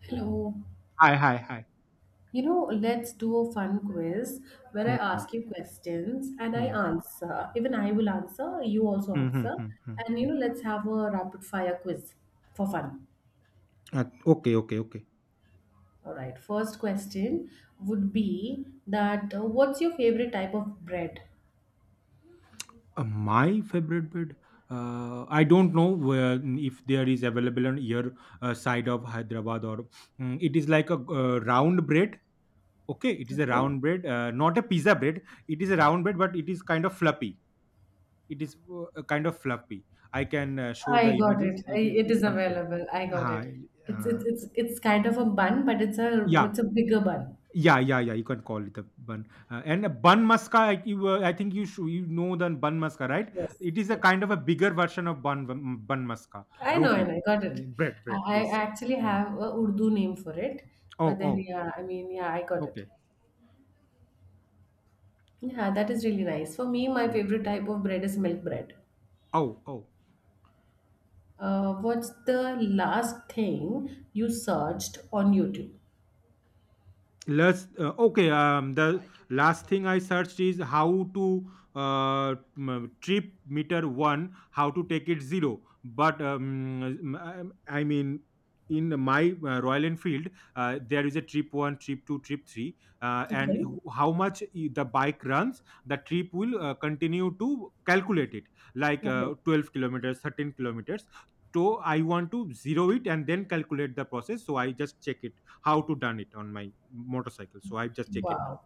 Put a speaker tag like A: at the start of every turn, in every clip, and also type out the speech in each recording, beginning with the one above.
A: Hello.
B: Hi! Hi! Hi!
A: You know, let's do a fun quiz where I
B: Hmm.
A: ask you questions and I
B: Hmm.
A: answer. Even I will answer, you also
B: Hmm.
A: answer.
B: Hmm.
A: And you know, let's have a rapid fire quiz for fun.
B: Okay, okay, okay.
A: All right. First question would be that what's your favorite type of bread?
B: My favorite bed, I don't know where if there is available on your side of Hyderabad or it is like a round bread. Okay, it is a
A: Okay.
B: round bread, not a pizza bread. It is a round bread, but it is kind of fluffy. It is kind of fluffy. I can show the
A: I got
B: images.
A: it.
B: It
A: It
B: is
A: is
B: some fluff.
A: available. I got it.
B: Uh,
A: It's
B: uh,
A: it's it's it's kind of a bun, but it's a
B: yeah.
A: it's a bigger bun.
B: Yeah, yeah, yeah. You can call it a bun. And a bun maska, I think you should, you know the bun maska, right?
A: Yes.
B: It is a
A: Yes.
B: kind of a bigger version of bun bun maska,
A: I know, I
B: roti,
A: know, I got it.
B: Bread,
A: I,
B: bread.
A: I
B: Yes.
A: actually
B: Mm.
A: have a Urdu name for it,
B: Oh,
A: but then,
B: oh,
A: yeah, I mean, yeah, I got it.
B: okay.
A: Yeah, that is really nice. For me, my
B: Mm.
A: favorite type of bread is milk bread.
B: Oh, oh.
A: What's the last thing you searched on YouTube?
B: Let's okay. The last thing I searched is how to uh, trip meter one, how to take it zero. But I mean, in my Royal Enfield, there is a trip one, trip two, trip three,
A: Okay.
B: how much the bike runs, the trip will continue to calculate it, like
A: Okay.
B: 12 kilometers, 13 kilometers. So I want to zero it and then calculate the process. So I just check it how to done it on my motorcycle. So I just check it now.
A: Wow.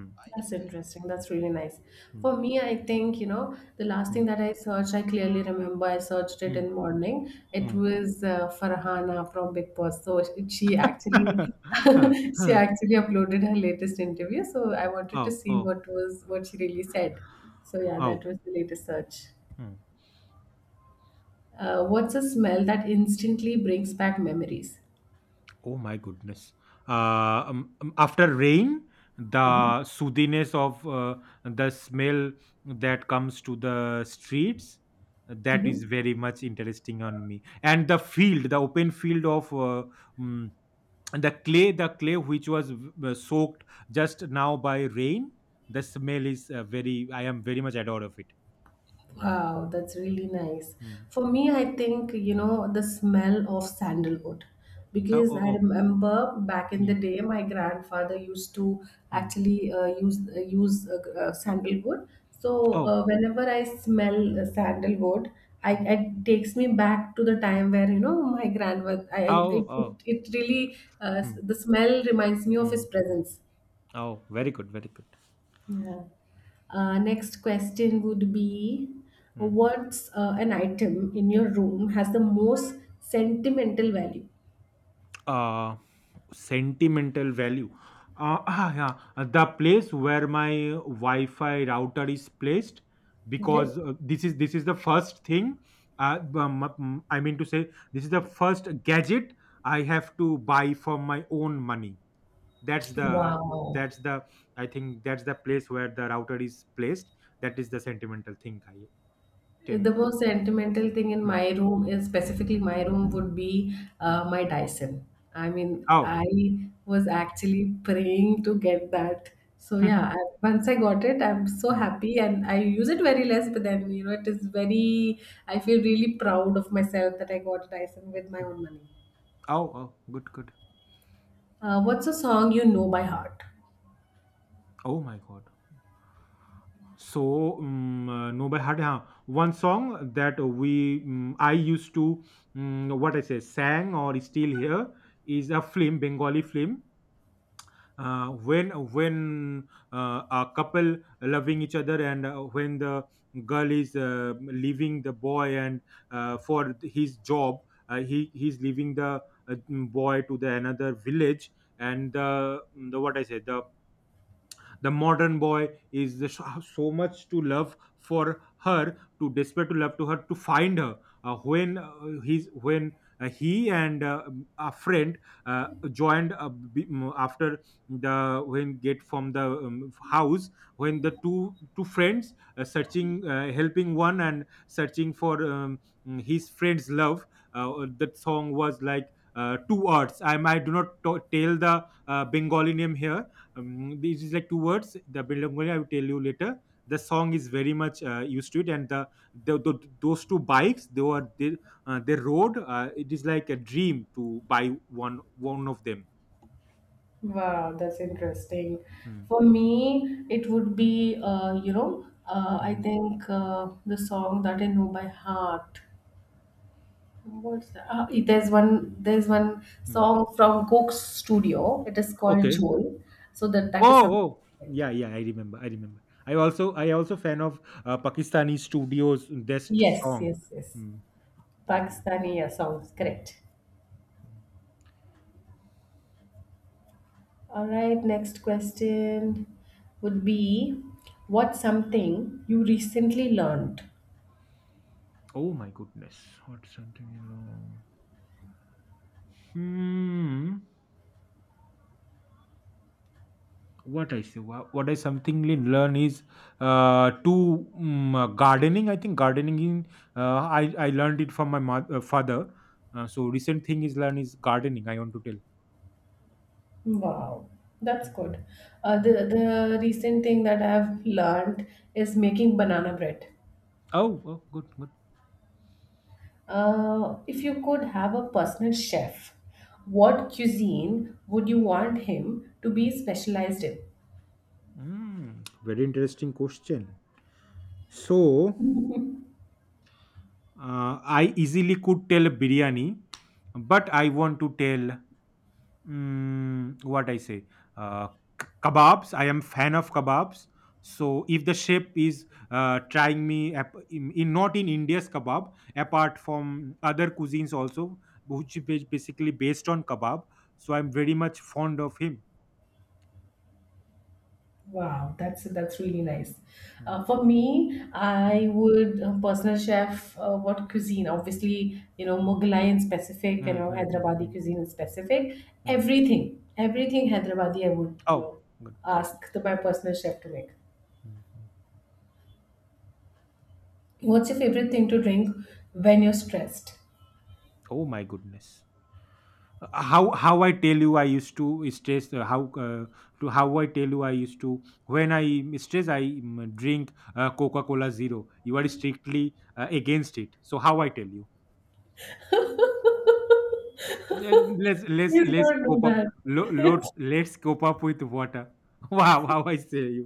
B: Hmm.
A: That's interesting. That's really nice.
B: Mm,
A: For me, I think, you know, the last thing that I searched, I clearly remember I searched it
B: mm,
A: in morning. It
B: mm,
A: was Farhana from Big Boss. So she actually, she
B: mm,
A: actually uploaded her latest interview. So I wanted to
B: oh,
A: see
B: oh,
A: what she really said. So yeah, that
B: oh,
A: was the latest search.
B: mm.
A: What's a smell that instantly brings back memories?
B: Oh my goodness. Uh, after rain,
A: Hmm.
B: the soothiness of the smell that comes to the streets that is
A: Hmm.
B: very much interesting on me and the field, the open field of mm, and the clay, the clay which was soaked just now by rain, the smell is very, I am very much adored of it.
A: Wow, that's really nice.
B: Mm.
A: For me, I think, you know, the smell of sandalwood.
B: Oh,
A: Because I
B: oh, oh,
A: remember back in the
B: mm.
A: day, my grandfather used to
B: Mm.
A: actually use sandalwood. So
B: Oh,
A: whenever I smell sandalwood, I
B: mm.
A: it takes me back to the time where, you know, my grandmother. I
B: Oh, oh,
A: it, it really
B: mm.
A: the smell reminds me of his
B: Mm. Mm.
A: presence.
B: Oh, very good, very good.
A: Yeah. Next question would be:
B: mm.
A: what's an item in your room has the most sentimental value?
B: uh Sentimental value. Yeah, the place where my Wi-Fi router is placed,
A: Okay.
B: because this is the first thing. I mean to say, this is the first gadget I have to buy from my own money. That's the
A: Wow.
B: that's the I think that's the place where the router is placed. That is the sentimental thing I
A: The
B: tend.
A: most sentimental thing in
B: Hmm,
A: my room, is
B: hmm, hmm,
A: specifically my room, would be
B: hmm.
A: my Dyson. I mean,
B: Oh.
A: I was actually praying to get that. So yeah, once I got it, I'm so
B: Hmm.
A: happy and I use it very less, but then you know it is very I feel really proud of myself that I got a Dyson with my own money.
B: Oh, oh, good, good.
A: What's a song you know by heart?
B: Oh my God. Know by heart, huh? One song that we I used to mm, what I say sang or still hear is a film, Bengali film. When A couple loving each other, and when the girl is leaving the boy, and for his job, he's leaving the uh, boy to the another village, and the what I say the modern boy is the so so much to love for her, to despair, to love to her, to find her. When he's when He and a friend joined after the, when get from the house, when the two friends searching, helping one and searching for his friend's love. uh, that song was like two words, I do not to- tell the Bengali name here. This is like two words, the Bilangolia, I will tell you later. The song is very much used to it, and the those two bikes they were, they rode. It is like a dream to buy one, one of them.
A: Wow, that's interesting.
B: Hmm.
A: For me, it would be, you know, I
B: Hmm.
A: think, the song that I know by heart. What's that? There's one. There's one
B: Hmm.
A: song from Coke's studio. It is called
B: Okay.
A: Jol. So that is
B: Oh,
A: something.
B: oh,
A: I like.
B: yeah, yeah, I remember, I also fan of Pakistani studios best
A: Yes,
B: song.
A: yes, yes.
B: Hmm, yeah.
A: Pakistani, yeah, songs,
B: Hmm.
A: correct. All right. Next question would be, what's something you recently learned?
B: Oh my goodness. What's something? Hmm. What I say, wha- what I Somethingly learn is gardening. I think gardening, in I learned it from my mother, father. So recent thing is learn is gardening, I want to tell.
A: Wow, that's good. Uh,
B: Mm.
A: the the recent thing that I've learned is making banana bread.
B: Oh, oh, good, good.
A: If you could have a personal chef, what cuisine would you want him to be specialized
B: Mm, very interesting question. So
A: in?
B: I easily could tell biryani, but I want to tell, Mm, what I say? Uh, k- kebabs. I am fan of kebabs. So if the chef is trying me in not in India's kebab, apart from other cuisines also, which is basically based on kebab. So I'm very much fond of him.
A: Wow, that's really nice.
B: Mm,
A: For me,
B: mm,
A: I would, personal chef. What cuisine? Obviously, you know
B: mm.
A: Mughlai in specific, you
B: Mm,
A: know
B: mm, mm,
A: Hyderabadi
B: mm,
A: cuisine in specific.
B: mm.
A: Everything, everything Hyderabadi, I would,
B: Oh, good.
A: ask my personal chef to make.
B: Mm, mm.
A: What's your favorite thing to drink when you're stressed?
B: Oh my goodness. How I tell you, I used to stress, how I tell you, I used to when I stress, drink Coca Cola Zero. You are strictly against it, so how I tell you. Let-
A: Please
B: let's
A: don't do
B: cope up,
A: that.
B: lo- let's cope up with water. Wow, how I say you.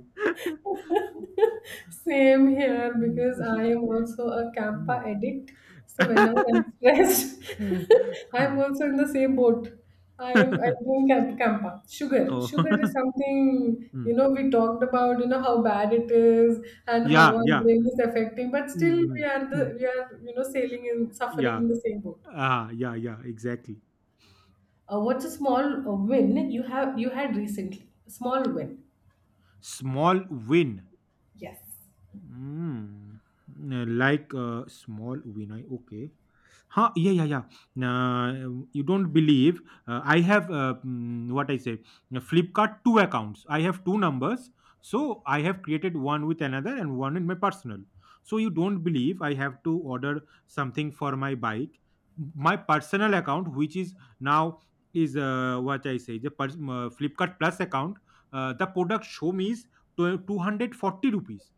A: Same here, because I am also a Campa addict. So whenever I'm stressed, I'm also in the same boat. I'm doing Campa. Sugar.
B: Oh.
A: Sugar is something, you
B: Mm.
A: know, we talked about, how bad it is and how
B: Yeah,
A: our
B: yeah.
A: brain is affecting, but still
B: Mm,
A: we
B: mm,
A: are the
B: mm.
A: we are, you know, sailing and suffering
B: Yeah.
A: in the same boat.
B: Yeah, yeah, exactly.
A: What's a small win you had recently? A small win.
B: Small win.
A: Yes.
B: Mm. Like a small win. I, okay. Yeah, yeah, yeah. Nah, you don't believe, I have mm, what I say Flipkart, two accounts I have, two numbers, so I have created one with another and one in my personal. So you don't believe, I have to order something for my bike. My personal account which is now is what I say the pers- Flipkart Plus account, the product show me is 240 rupees,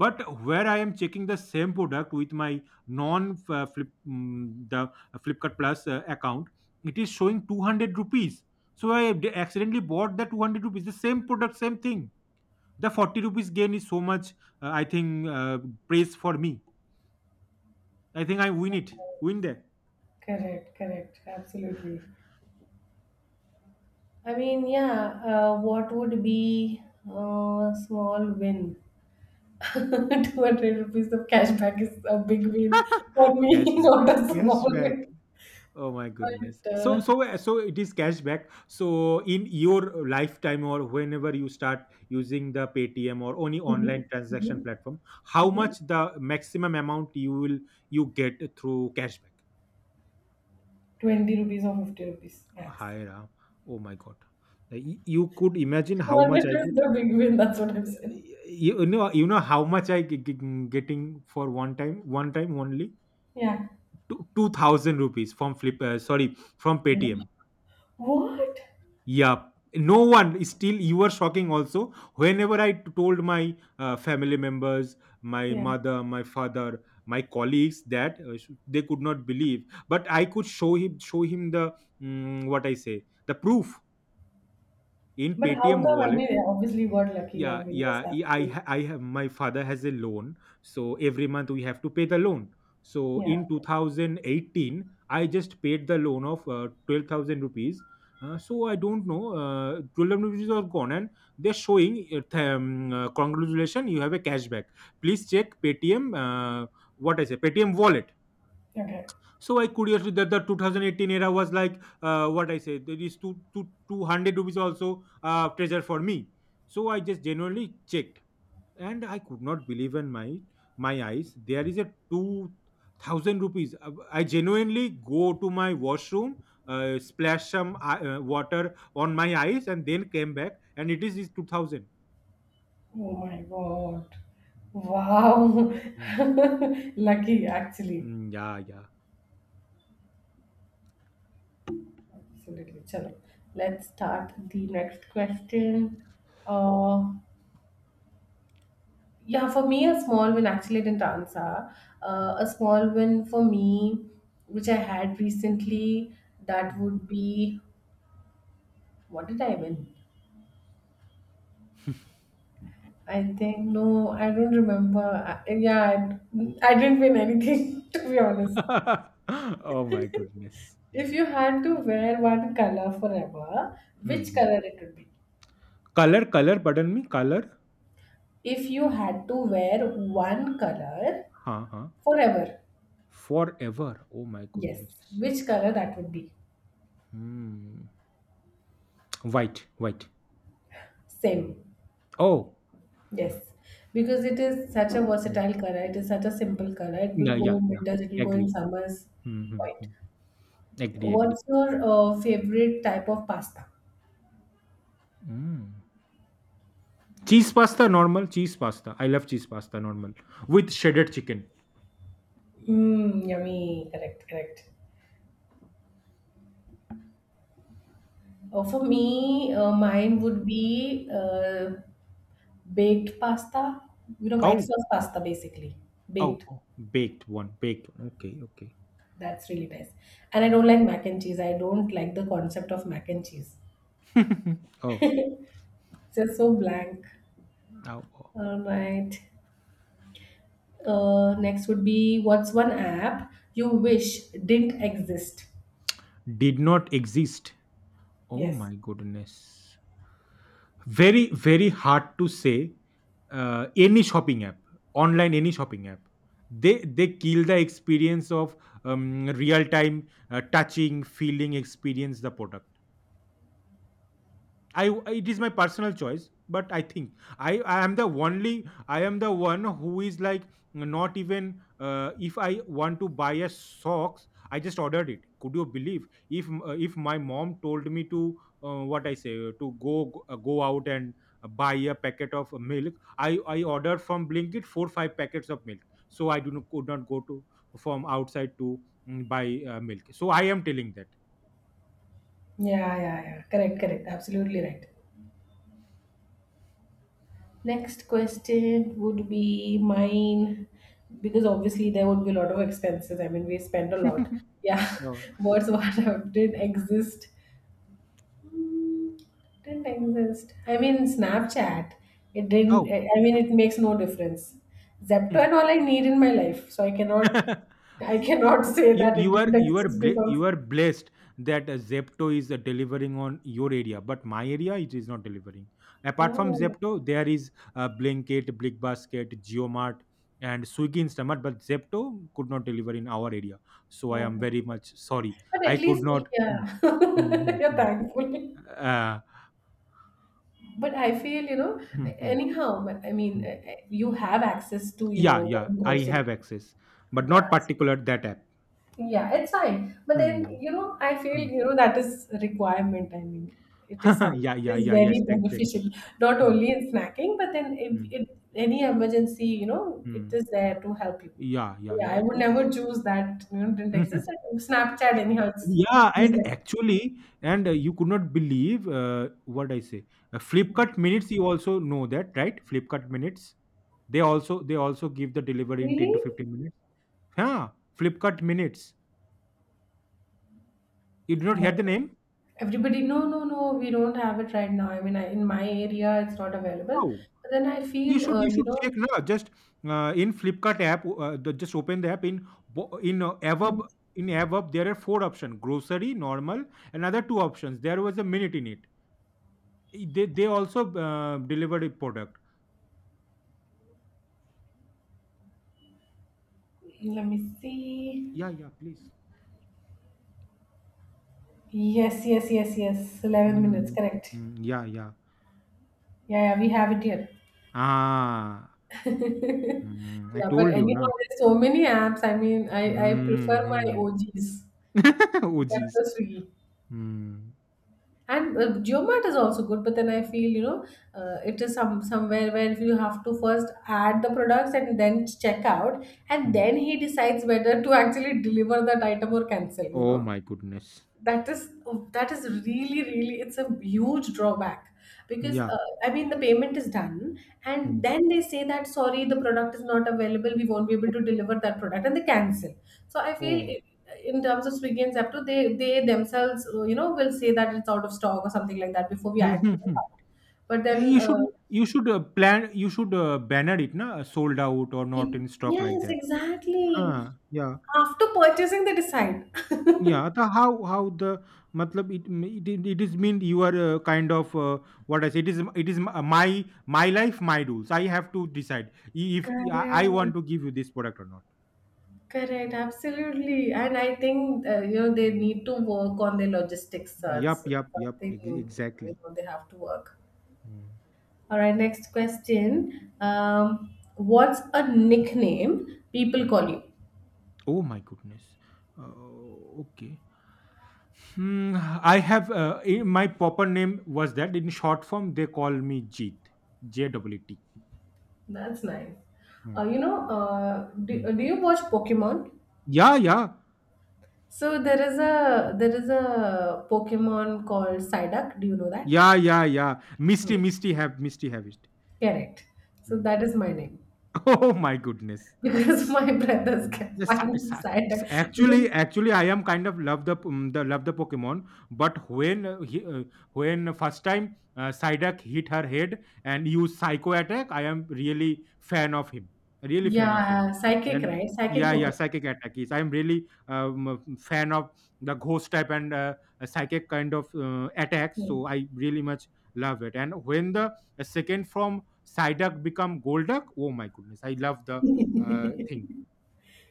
B: but where I am checking the same product with my non flip mm, the Flipkart Plus account, it is showing 200 rupees. So accidentally bought the 200 rupees, the same product, same thing. The 40 rupees gain is so much, I think praise for me. I think I win it, win there.
A: Correct, correct, absolutely. I mean, yeah, what would be a small win? 200 rupees of cashback is a big win for me,
B: Cashback.
A: not a small
B: Cashback.
A: win.
B: Oh my goodness.
A: But,
B: So it is cashback. So in your lifetime or whenever you start using the Paytm or any
A: mhm,
B: online transaction
A: mhm,
B: platform, how
A: mhm.
B: much the maximum amount you will you get through cashback?
A: 20 rupees or 50 rupees max.
B: Higher. Oh my god. You could imagine how much
A: 200
B: I
A: is
B: get.
A: the big win, that's what I'm
B: Uh,
A: saying.
B: You know, you know how much getting for one time, one time only,
A: Yeah.
B: 2,000 rupees from Flip. Sorry, from Paytm.
A: What?
B: Yeah. No one is still, you were shocking also. Told my family members, my
A: Yeah.
B: mother, my father, my colleagues that they could not believe, but I could show him the mm, what I say the proof in
A: But how
B: Paytm
A: come? I
B: wallet.
A: mean, I obviously got lucky. I
B: Yeah,
A: mean, yes,
B: yeah,
A: absolutely.
B: I have, my father has a loan, so every month we have to pay the loan. So
A: Yeah.
B: in 2018 I just paid the loan of 12,000 rupees. So I don't know, 12,000 rupees are gone, and they're showing congratulations, you have a cashback, please check Paytm, what I say Paytm wallet.
A: Okay. Okay.
B: So I curiously that the 2018 era was like, what I say there is two two hundred rupees also treasure for me. So I just genuinely checked, and I could not believe in my, my eyes, there is a 2000 rupees. I genuinely go to my washroom, splash some water on my eyes and then came back, and it is 2000.
A: Oh my God. Wow.
B: Mm.
A: Lucky, actually.
B: Mm, yeah, yeah.
A: Absolutely. Chalo. Let's start the next question. Uh, yeah, for me, a small win, actually, I didn't answer.
B: Mm,
A: A small win for me, which I had recently, that
B: mm.
A: would be, what did I win? I think, no, I don't remember. Yeah, I didn't win anything, to be honest.
B: Oh my goodness.
A: If you had to wear one color forever, which
B: Mm-hmm.
A: color it would be?
B: color color pardon me, color.
A: If you had to wear one color
B: huh huh
A: forever,
B: Forever, oh my
A: yes,
B: goodness.
A: which color that would be?
B: Mm. White, white.
A: Same,
B: Oh.
A: yes, because it is such a
B: Mm.
A: versatile color. It is such a simple color. It will
B: Yeah,
A: go
B: yeah,
A: in
B: yeah,
A: winters. It will go in
B: agree.
A: summers. Right.
B: Mm-hmm. Agree, agree.
A: What's your favorite type of pasta?
B: Mm. Cheese pasta, normal cheese pasta. I love cheese pasta, normal, with shredded chicken.
A: Mm, yummy. Correct. Correct. Oh, for me, mine would be, baked pasta, you know, white
B: Oh,
A: sauce pasta basically.
B: oh,
A: Baked.
B: oh, baked one, baked one. Okay, okay.
A: That's really nice. And I don't like mac and cheese. I don't like the concept of mac and cheese.
B: Oh,
A: It's just so blank.
B: oh, oh.
A: All right. Next would be, what's one app you wish didn't exist?
B: Did not exist. Oh
A: Yes.
B: my goodness. Very, very hard to say. Any shopping app, online, any shopping app, they kill the experience of real time, touching, feeling, experience the product. I, it is my personal choice, but I think I am the one who is like, not even if I want to buy a socks, I just ordered it. Could you believe if my mom told me to what I say to go, go out and buy a packet of milk, I ordered from Blinkit 4 5 packets of milk. So I do not, could not go to, from outside to buy milk. So I am telling that.
A: Yeah, yeah, yeah. Correct, correct. Absolutely right. Next question would be mine, because obviously there would be a lot of expenses. I mean, we spend a lot. Yeah,
B: Oh.
A: what's what didn't exist. Mm, Didn't exist. I mean, Snapchat. It didn't. I
B: Oh.
A: I mean, it makes no difference. Zepto and all I need in my life, so I cannot. I
B: you,
A: cannot say that it didn't
B: you are
A: exist because.
B: you are blessed that Zepto is delivering on your area, but my area it is not delivering. Apart from
A: Oh,
B: Zepto, there is Blinkit, Blickbasket, GeoMart, and Swiggy Instamart, but Zepto could not deliver in our area. So I am
A: okay.
B: very much sorry.
A: But at
B: I could
A: least,
B: not. Mm,
A: yeah,
B: mm, mm,
A: you're
B: mm.
A: thankful.
B: Uh,
A: But I feel,
B: mm, mm,
A: anyhow. I mean,
B: mm.
A: you have access to,
B: Yeah, yeah,
A: getting
B: I
A: groceries.
B: have access, but
A: Yeah,
B: not particular that app.
A: yeah, it's fine. But then,
B: Hmm,
A: I feel,
B: hmm.
A: that is a requirement. I mean, it is something,
B: Yeah,
A: it
B: yeah,
A: is
B: yeah, yes,
A: very
B: exactly.
A: beneficial, not
B: Hmm.
A: only in snacking, but then if
B: Mm,
A: it, any emergency, it
B: mm.
A: is there to help you.
B: Yeah,
A: So,
B: yeah,
A: yeah, I
B: yeah.
A: would
B: E-
A: never
B: e-
A: choose that, didn't exist. And Snapchat, anyhow, it's
B: Yeah, and
A: useless.
B: actually, and you could not believe what I say. Flipkart minutes, you also know that, right? Flipkart minutes. They also give the delivery in ten
A: Really?
B: to fifteen minutes. Yeah, Flipkart minutes. You did
A: Oh
B: not
A: my
B: hear the
A: God.
B: name?
A: Everybody, no, no, no, we don't have it right now. I mean, in my area, it's not available.
B: How?
A: But then I
B: You
A: feel,
B: should you should check now. Just in Flipkart app, just open the app. In bo- in uh,
A: let
B: above
A: me,
B: in above there are four options: grocery, normal, another two options. There was a minute in it. They also delivered a product.
A: let me see.
B: Yeah, yeah, please.
A: Yes, yes, yes, yes. 11 minutes,
B: Mm,
A: correct.
B: yeah, yeah.
A: Yeah, yeah, we have it here.
B: Ah, I
A: Yeah, but
B: told you
A: anyhow,
B: now.
A: there's so many apps. I mean, I prefer my
B: Mm-hmm.
A: OGs.
B: Oh,
A: That
B: jeez.
A: was Swiggy.
B: Mm,
A: And Geomat is also good, but then I feel, it is somewhere where you have to first add the products and then check out, and
B: mm.
A: then he decides whether to actually deliver that item or cancel, you
B: Oh
A: know.
B: my goodness.
A: that is that is really, really, it's a huge drawback, because
B: Yeah.
A: I mean the payment is done, and
B: Mm.
A: then they say that sorry, the product is not available, we won't be able to deliver that product, and they cancel. So I feel,
B: Oh.
A: in terms of Swiggy and Zepto, they themselves, will say that it's out of stock or something like that before we
B: Hmm,
A: add
B: hmm,
A: to the
B: hmm.
A: cart. But
B: Yeah,
A: then,
B: you should plan you should banner it, na? Sold out or not in stock like
A: yes,
B: that.
A: exactly,
B: Huh. Yeah.
A: after purchasing they decide.
B: Yeah, the how the matlab it it, it it is mean you are kind of what I say it is m- my life my rules. I have to decide if I
A: correct
B: want to give you this product or not.
A: Correct, absolutely. And I think, they
B: Mm.
A: need to work on their logistics. It's
B: Yup, yup, yup.
A: something,
B: ex-
A: you
B: Exactly.
A: know, they have to work.
B: Mm.
A: All right, next question. What's a nickname people
B: Mm.
A: call you?
B: Oh my goodness. Uh, okay. Hmm, I have my proper name was that in short form they call me Jeet. JWT.
A: That's nice.
B: Mm. Mm.
A: Do you watch Pokemon?
B: Yeah, yeah,
A: So there is a Pokemon called Psyduck. Do you know that?
B: yeah, yeah, yeah.
A: Hmm.
B: Misty have it.
A: Correct. So that is my name,
B: Oh my goodness.
A: because my brothers
B: Mm.
A: kept
B: The
A: my
B: sa
A: name
B: sa s
A: Psyduck because
B: actually actually I am kind of love the love the Pokemon, but when first time Psyduck hit her head and used Psycho attack, I am really fan of him, really fan of him,
A: yeah, psychic,
B: and
A: right? Psychic
B: yeah, yeah,
A: Pokemon.
B: psychic attack is. I am really a fan of the ghost type and a psychic kind of attacks, so I really much love it. And when the second from Psyduck become Golduck, oh my goodness, I love the thing,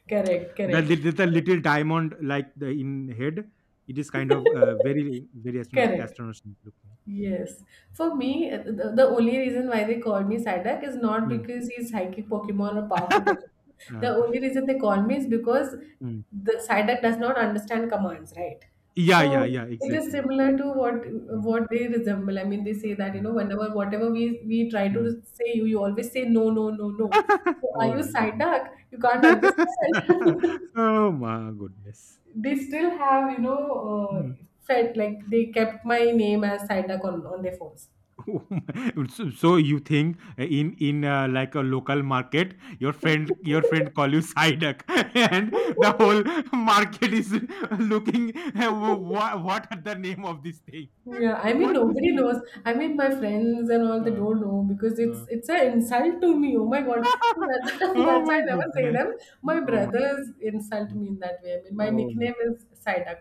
A: Correct, correct.
B: the little diamond like the in head, it is kind of very
A: Correct.
B: astonishing looking.
A: Yes. For me, the only reason why they call me Psyduck is not
B: Mm.
A: because he's psychic Pokemon or powerful Pokemon. The
B: Uh,
A: only reason they call me is because
B: mm.
A: the Psyduck does not understand commands, right?
B: Yeah, yeah,
A: So
B: yeah,
A: it is
B: exactly.
A: similar to what
B: Mm,
A: what they resemble. I mean, they say that,
B: mm,
A: whenever whatever we try
B: mm.
A: to say, you always say no, no, no, no. So are
B: Oh
A: you
B: my goodness.
A: Psyduck? You can't understand.
B: Oh my goodness.
A: they still have,
B: Hmm.
A: uh, fed like they kept my name as Psyduck on their phones.
B: So you think in like a local market your friend call you Sidak, and the whole market is looking, what are the name of this thing,
A: Yeah, I mean
B: what this
A: nobody
B: thing.
A: knows. I mean my friends and all, they
B: Uh,
A: don't know because it's
B: uh.
A: it's an insult to me. Oh my God! So that's,
B: Oh
A: that's why
B: my
A: I never say
B: goodness.
A: them. My
B: oh my
A: brothers insult me in that way. I mean my
B: oh my,
A: nickname is Psyduck.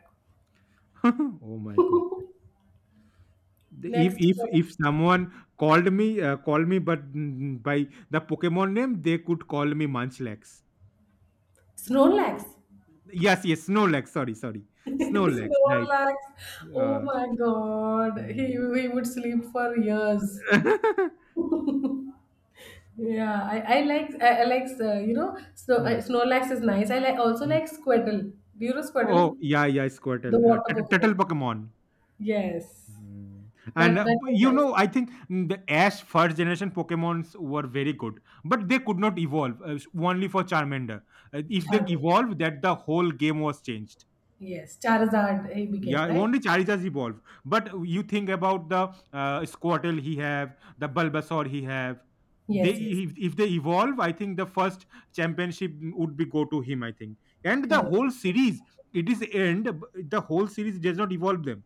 B: oh my goodness. The- if
A: Next
B: if
A: question:
B: if someone called me by the pokemon name, they could call me munchlax.
A: Snorlax.
B: Yes, yes, snow legs. Sorry, sorry, snow legs. Right.
A: Snorlax. Oh
B: Uh,
A: my God! He
B: mm.
A: he would sleep for years. Yeah, I like, you know snow
B: Mm,
A: Snorlax is nice. I like also
B: mm.
A: like Squirtle. Do you know
B: Oh
A: Squirtle,
B: yeah, yeah, Squirtle,
A: the
B: uh,
A: water
B: Turtle
A: Pokemon?
B: Turtle Pokemon.
A: Yes,
B: Mm.
A: that
B: And
A: that
B: b-
A: was
B: you
A: nice.
B: know, I think the Ash first generation Pokemons were very good, but they could not evolve. Only for Charmander. If they
A: Charizard.
B: evolved, that the whole game was changed.
A: Yes, Charizard he became,
B: Yeah,
A: right?
B: only Charizards evolve. But you think about the Squirtle he have, the Bulbasaur he have. They
A: Yes, yes.
B: if they evolve, I think the first championship would be go to him. I think, and the
A: Correct.
B: whole series, it is end. The whole series does not evolve them.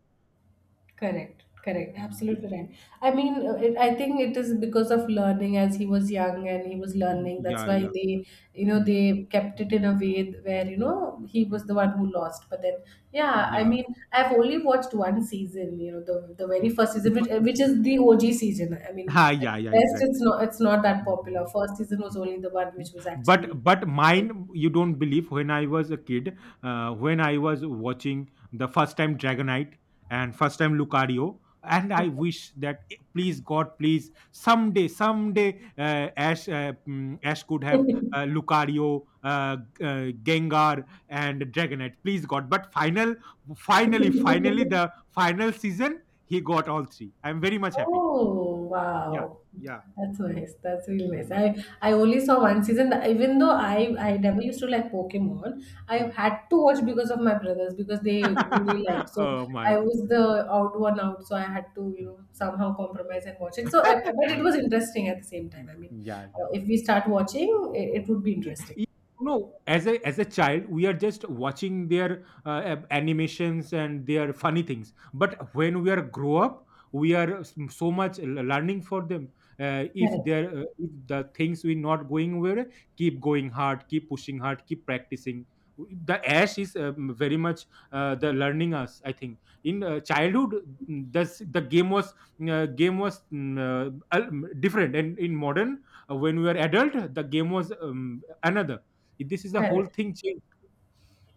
A: Correct, correct,
B: Hmm.
A: absolutely right. I mean, I think it is because of learning as he was young and he was
B: Mm,
A: learning. That's
B: yeah,
A: why
B: yeah.
A: they,
B: Hmm,
A: they kept
B: hmm,
A: it in a way where, he
B: hmm.
A: was the one who lost. But then, yeah,
B: Yeah.
A: I've only watched one season, you know, the very
B: Oh,
A: first
B: the,
A: season,
B: fi-
A: which is the OG season. I mean,
B: Ah,
A: at
B: yeah, yeah,
A: best,
B: exactly.
A: it's not that popular.
B: Mhm.
A: First season was only the one which was
B: but
A: actually.
B: but mine, you don't believe, when I was a kid, when I was watching the first time dragonite and first time lucario, and I wish that please god, please, someday, someday, ash could have lucario, gengar and dragonite, please god, but finally the final season he got all three, I'm very much happy.
A: Oh,
B: Yeah,
A: wow.
B: yeah.
A: That's nice. That's really nice.
B: Mm,
A: I only saw one season. Even though I
B: mm,
A: never used to like Pokemon, I
B: mm.
A: had to watch because of my brothers because they really liked. So
B: Oh my
A: I was the
B: goodness.
A: out one out. So I had to, you
B: Hmm.
A: know, somehow compromise and watch it. So but it
B: Was
A: was interesting at the same time. I mean,
B: yeah yeah.
A: if we start watching, it would be
B: Ye-
A: interesting.
B: ye- no, as a child we are just watching their animations and their funny things, but when we are grow up, we are so much learning for them. Uh, if
A: Correct.
B: there if the things we not going well, keep going hard, keep pushing hard, keep practicing. The ash is very much the learning us, I think, in childhood, this the game was uh, game was mm, uh, al- different, and in modern, when we were adult, the game was another. This is the whole
A: Correct.
B: thing changed.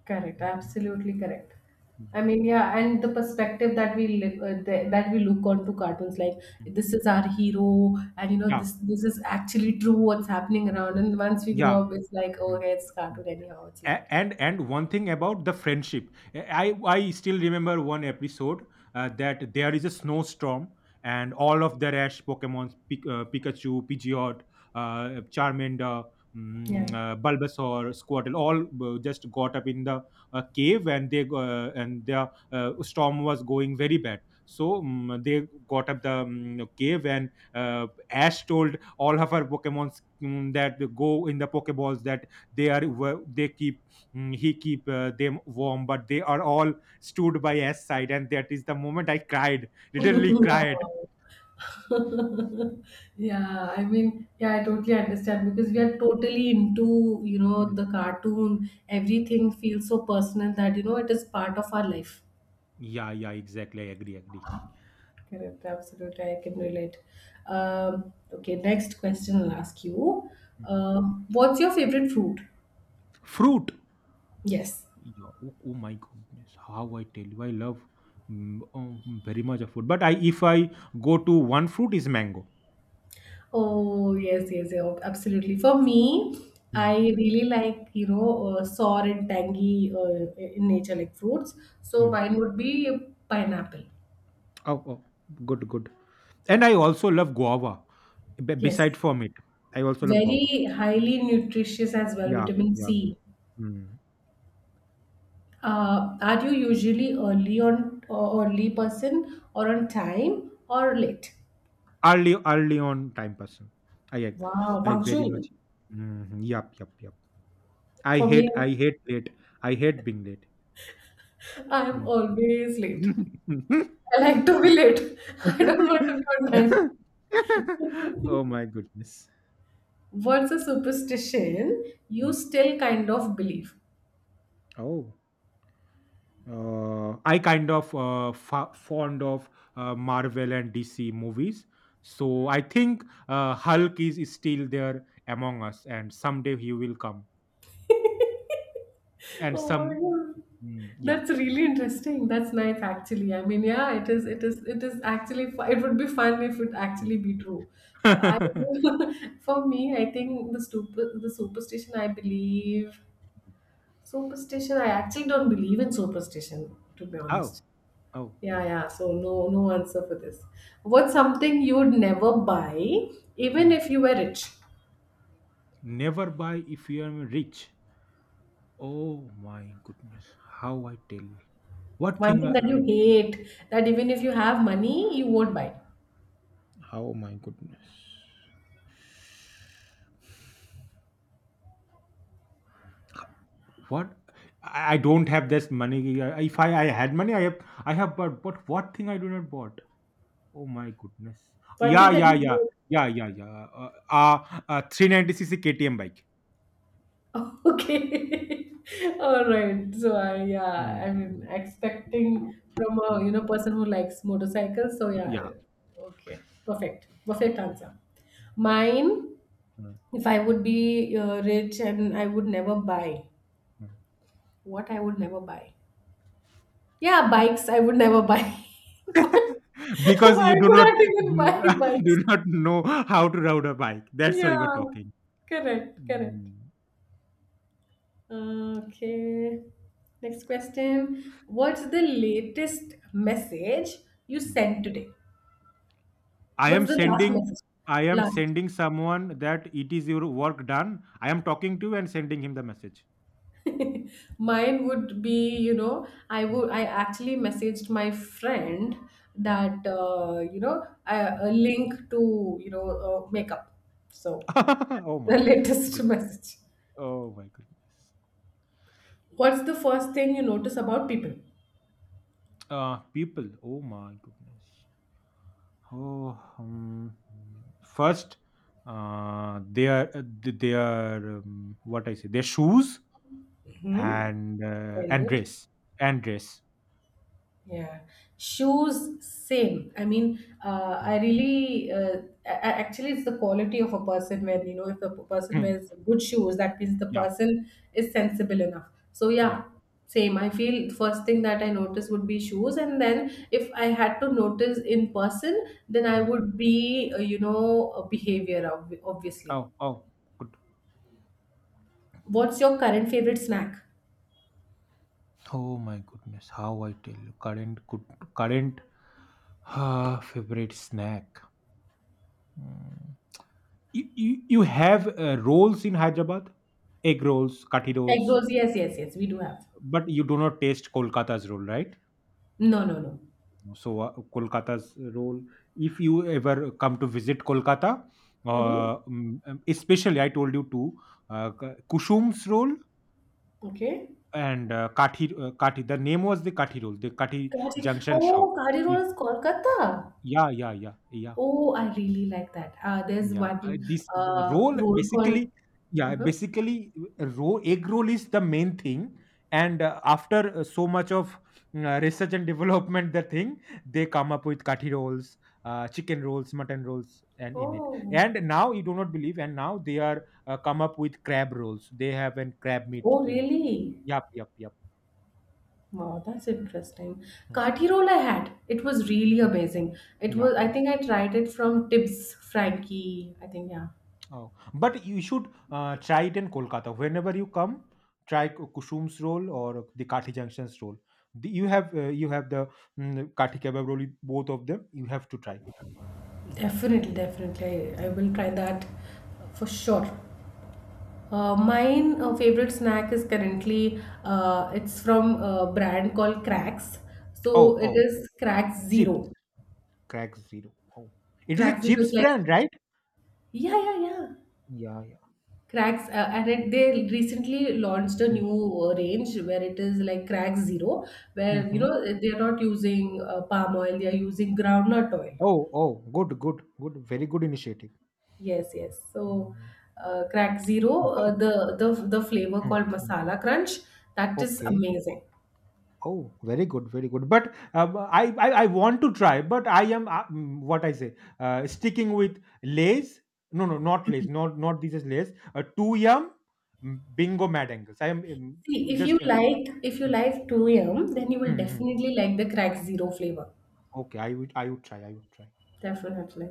A: Correct, absolutely correct.
B: Mm,
A: I mean, yeah, and the perspective that we live, that we look onto cartoons, like
B: mm.
A: this is our hero, and you know this
B: Yeah,
A: this is actually true what's happening around. And once we grow
B: yeah.
A: up, it's like, oh,
B: Mm,
A: okay, it's
B: mm.
A: cartoon anyhow. It's light.
B: And one thing about the friendship, I still remember one episode, that there is a snowstorm, and all of the rash pokemons, pikachu, pidgeot, uh, charmander,
A: Yeah.
B: bulbasaur, squirtle, all just got up in the cave, and they and the storm was going very bad, so they got up the cave, and ash told all of her pokemons that go in the pokeballs, that they are they keep, he keep them warm, but they are all stood by s side, and that is the moment I cried, literally cried.
A: No. Yeah, I mean, yeah, I totally understand because we
B: Mm,
A: are totally into, you know,
B: mm.
A: the cartoon. Everything feels so personal that, you know, it is part of our life.
B: Yeah, yeah, exactly, I agree, agree.
A: Correct, absolutely. I can relate. Okay, next question I'll ask you.
B: Mm.
A: Uh, what's your favorite fruit?
B: Fruit.
A: Yes.
B: Yeah. Oh, oh my goodness, how I tell you, I love, mm, oh, very much of food, but I if I go to one fruit, is mango.
A: Oh, yes, yes, yeah, absolutely. For me,
B: Mm,
A: I really like, you know, sour and tangy in nature, like fruits. So
B: mm.
A: mine would be pineapple.
B: Oh, oh, good, good. And I also love guava,
A: Yes.
B: beside from it, I also love guava.
A: Very highly nutritious as well,
B: Yeah,
A: vitamin
B: yeah.
A: C.
B: Mm.
A: Are you usually early on, or early person, or on time, or late?
B: Early, early on time person. I ag-
A: Wow,
B: I very
A: punctual.
B: much. Mhm. Yup, yup, yup. I
A: For me,
B: hate I hate late. I hate being late.
A: I'm
B: Mm.
A: always late. I like to be late. I don't want to be on time.
B: Oh my goodness.
A: What's a superstition you
B: Mm.
A: still kind of believe?
B: Oh. I kind of fond of Marvel and DC movies. So I think Hulk is still there among us, and someday he will come. And
A: Oh my
B: some,
A: god.
B: mm, yeah.
A: That's really interesting. That's nice actually. I mean, yeah, it is actually it would be fun if it actually be true. But I
B: Mm-hmm.
A: for me, I think the superstition I believe superstition I actually don't believe in superstition to be
B: Oh,
A: honest.
B: oh.
A: Yeah, yeah. So no, no answer for this. What's something you would never buy, even
B: Hmm.
A: if you were rich?
B: Never buy if you are rich. Oh my goodness. How I tell you. What
A: One
B: thing?
A: thing that you hate, that even if you have money, you won't buy.
B: How my goodness. What? I don't have this money. I- If I, I had money, I have bought. But what thing I do not bought? Oh my goodness.
A: One
B: Yeah,
A: thing that
B: yeah,
A: you
B: yeah,
A: hate.
B: yeah, yeah, yeah. Uh, 390 cc KTM bike.
A: Okay. All right. So I, yeah,
B: Mm,
A: I mean,
B: mm,
A: expecting from a,
B: mm,
A: you
B: yeah,
A: know, person who likes motorcycles. So yeah,
B: yeah.
A: okay, perfect, perfect answer. Mine,
B: Mm.
A: if I would be rich and I would never buy, what I would never buy. Yeah, bikes. I would never buy. But
B: Because
A: why
B: you do
A: would
B: not
A: I even buy
B: do
A: bikes?
B: not know how to ride a bike, that's
A: Yeah,
B: why we're talking.
A: correct, correct.
B: Mm,
A: Okay. Next question. What's the latest message you
B: mm.
A: sent today?
B: i
A: What's
B: am
A: the last
B: sending
A: message?
B: i am
A: Last.
B: sending someone that it is your work done, I am talking to you and sending him the message.
A: Mine would be, you know, I would,
B: Mm,
A: I actually messaged my friend
B: mm,
A: that you know
B: mm.
A: a link to, you know, makeup. So
B: oh my
A: that's the latest
B: good
A: message.
B: oh my goodness.
A: What's the first thing you notice about people?
B: Uh, people, oh my goodness. Oh, first, their, what I say their shoes.
A: Hmm. Very
B: And
A: good.
B: Grace, and Grace.
A: Yeah, shoes same. I mean,
B: Mm.
A: I really actually it's the quality of a person when you know if the person
B: Mm.
A: wears good shoes, that means the
B: Yeah,
A: person is sensible enough. So
B: yeah.
A: yeah, same. I feel first thing that I notice would be shoes, and then if I had to notice in person, then I
B: Mm.
A: would be you know a behavior obviously.
B: Oh, oh, good.
A: What's your current favorite snack?
B: Oh my goodness, how I tell you, current good, current, ah, favorite snack. Mm. You have rolls in Hyderabad, egg rolls, kati
A: Egg
B: rolls,
A: rolls? Yes, yes, yes. We do have.
B: but you do not taste Kolkata's roll, right?
A: No, no, no.
B: So Kolkata's roll. If you ever come to visit Kolkata,
A: Mm-hmm.
B: uh, especially I told you to Kusum's roll,
A: Okay.
B: and, Kathi, the name was the Kathi roll, the Kathi
A: Cardi,
B: junction shop.
A: oh, Cardi
B: Y
A: roll is Kolkata.
B: Yeah, yeah, yeah, yeah,
A: Oh, I really like that. There's
B: yeah.
A: one
B: This the roll
A: roll called.
B: basically, yeah,
A: Uh-huh.
B: basically, roll, egg roll is the main thing, and, after, so much of, research and development, the thing, they come up with Kathi rolls, chicken rolls, mutton rolls, and in it.
A: Oh,
B: And now you do not believe, and now they are, come up with crab rolls. They have an crab meat
A: oh,
B: in it.
A: really?
B: Yup, yup, yup.
A: Wow, that's interesting.
B: Mm,
A: Kati roll I had. It was really
B: mm.
A: amazing. It
B: Yeah,
A: was. I
B: yeah.
A: think I tried it from Tibbs Frankie. I think yeah.
B: Oh, but you should try it in Kolkata. Whenever you come, try Kusum's roll or the Kathi Junction's roll. You have you have the Kathi kebab roll. Both of them you have to try.
A: Definitely, definitely. I
B: Hmm.
A: will try that for sure. Mine favorite snack is currently it's from a brand called Cracks. So
B: Oh,
A: it
B: oh,
A: is Cracks
B: chips,
A: Zero.
B: crack zero. Oh, it is a
A: Cracks Zero is
B: chips
A: like
B: brand, right?
A: yeah yeah yeah.
B: Yeah, yeah.
A: Cracks and it, they recently launched a
B: Hmm.
A: new range where it is like Cracks Zero, where you
B: Mm-hmm.
A: know they are not using palm oil, they are using groundnut oil.
B: Oh, oh, good, good, good. Very good initiative.
A: Yes, yes. So,
B: Mm.
A: crack zero,
B: But,
A: the flavor
B: mm,
A: called
B: mm,
A: masala crunch, that is
B: okay.
A: amazing.
B: Oh, very good, very good. But I want to try, but I am sticking with Lay's. No, no, not Lay's. Not not these is Lay's. Two yum, bingo mad angles. I am mm,
A: See,
B: just
A: if you
B: mm,
A: like 2 a.m., then you
B: mm,
A: will
B: mm.
A: definitely like the crack zero flavor.
B: Okay. I would try. I would try.
A: Definitely.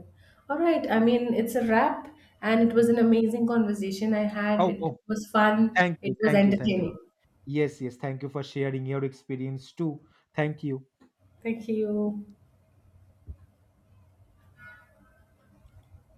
A: All right. I mean, it's a wrap, and it was
B: Mm.
A: an amazing conversation I had.
B: Oh
A: It
B: oh,
A: was fun.
B: thank
A: It
B: you,
A: was
B: thank you, thank you.
A: entertaining.
B: Yes, yes, thank you for sharing your experience too. Thank you.
A: Thank you.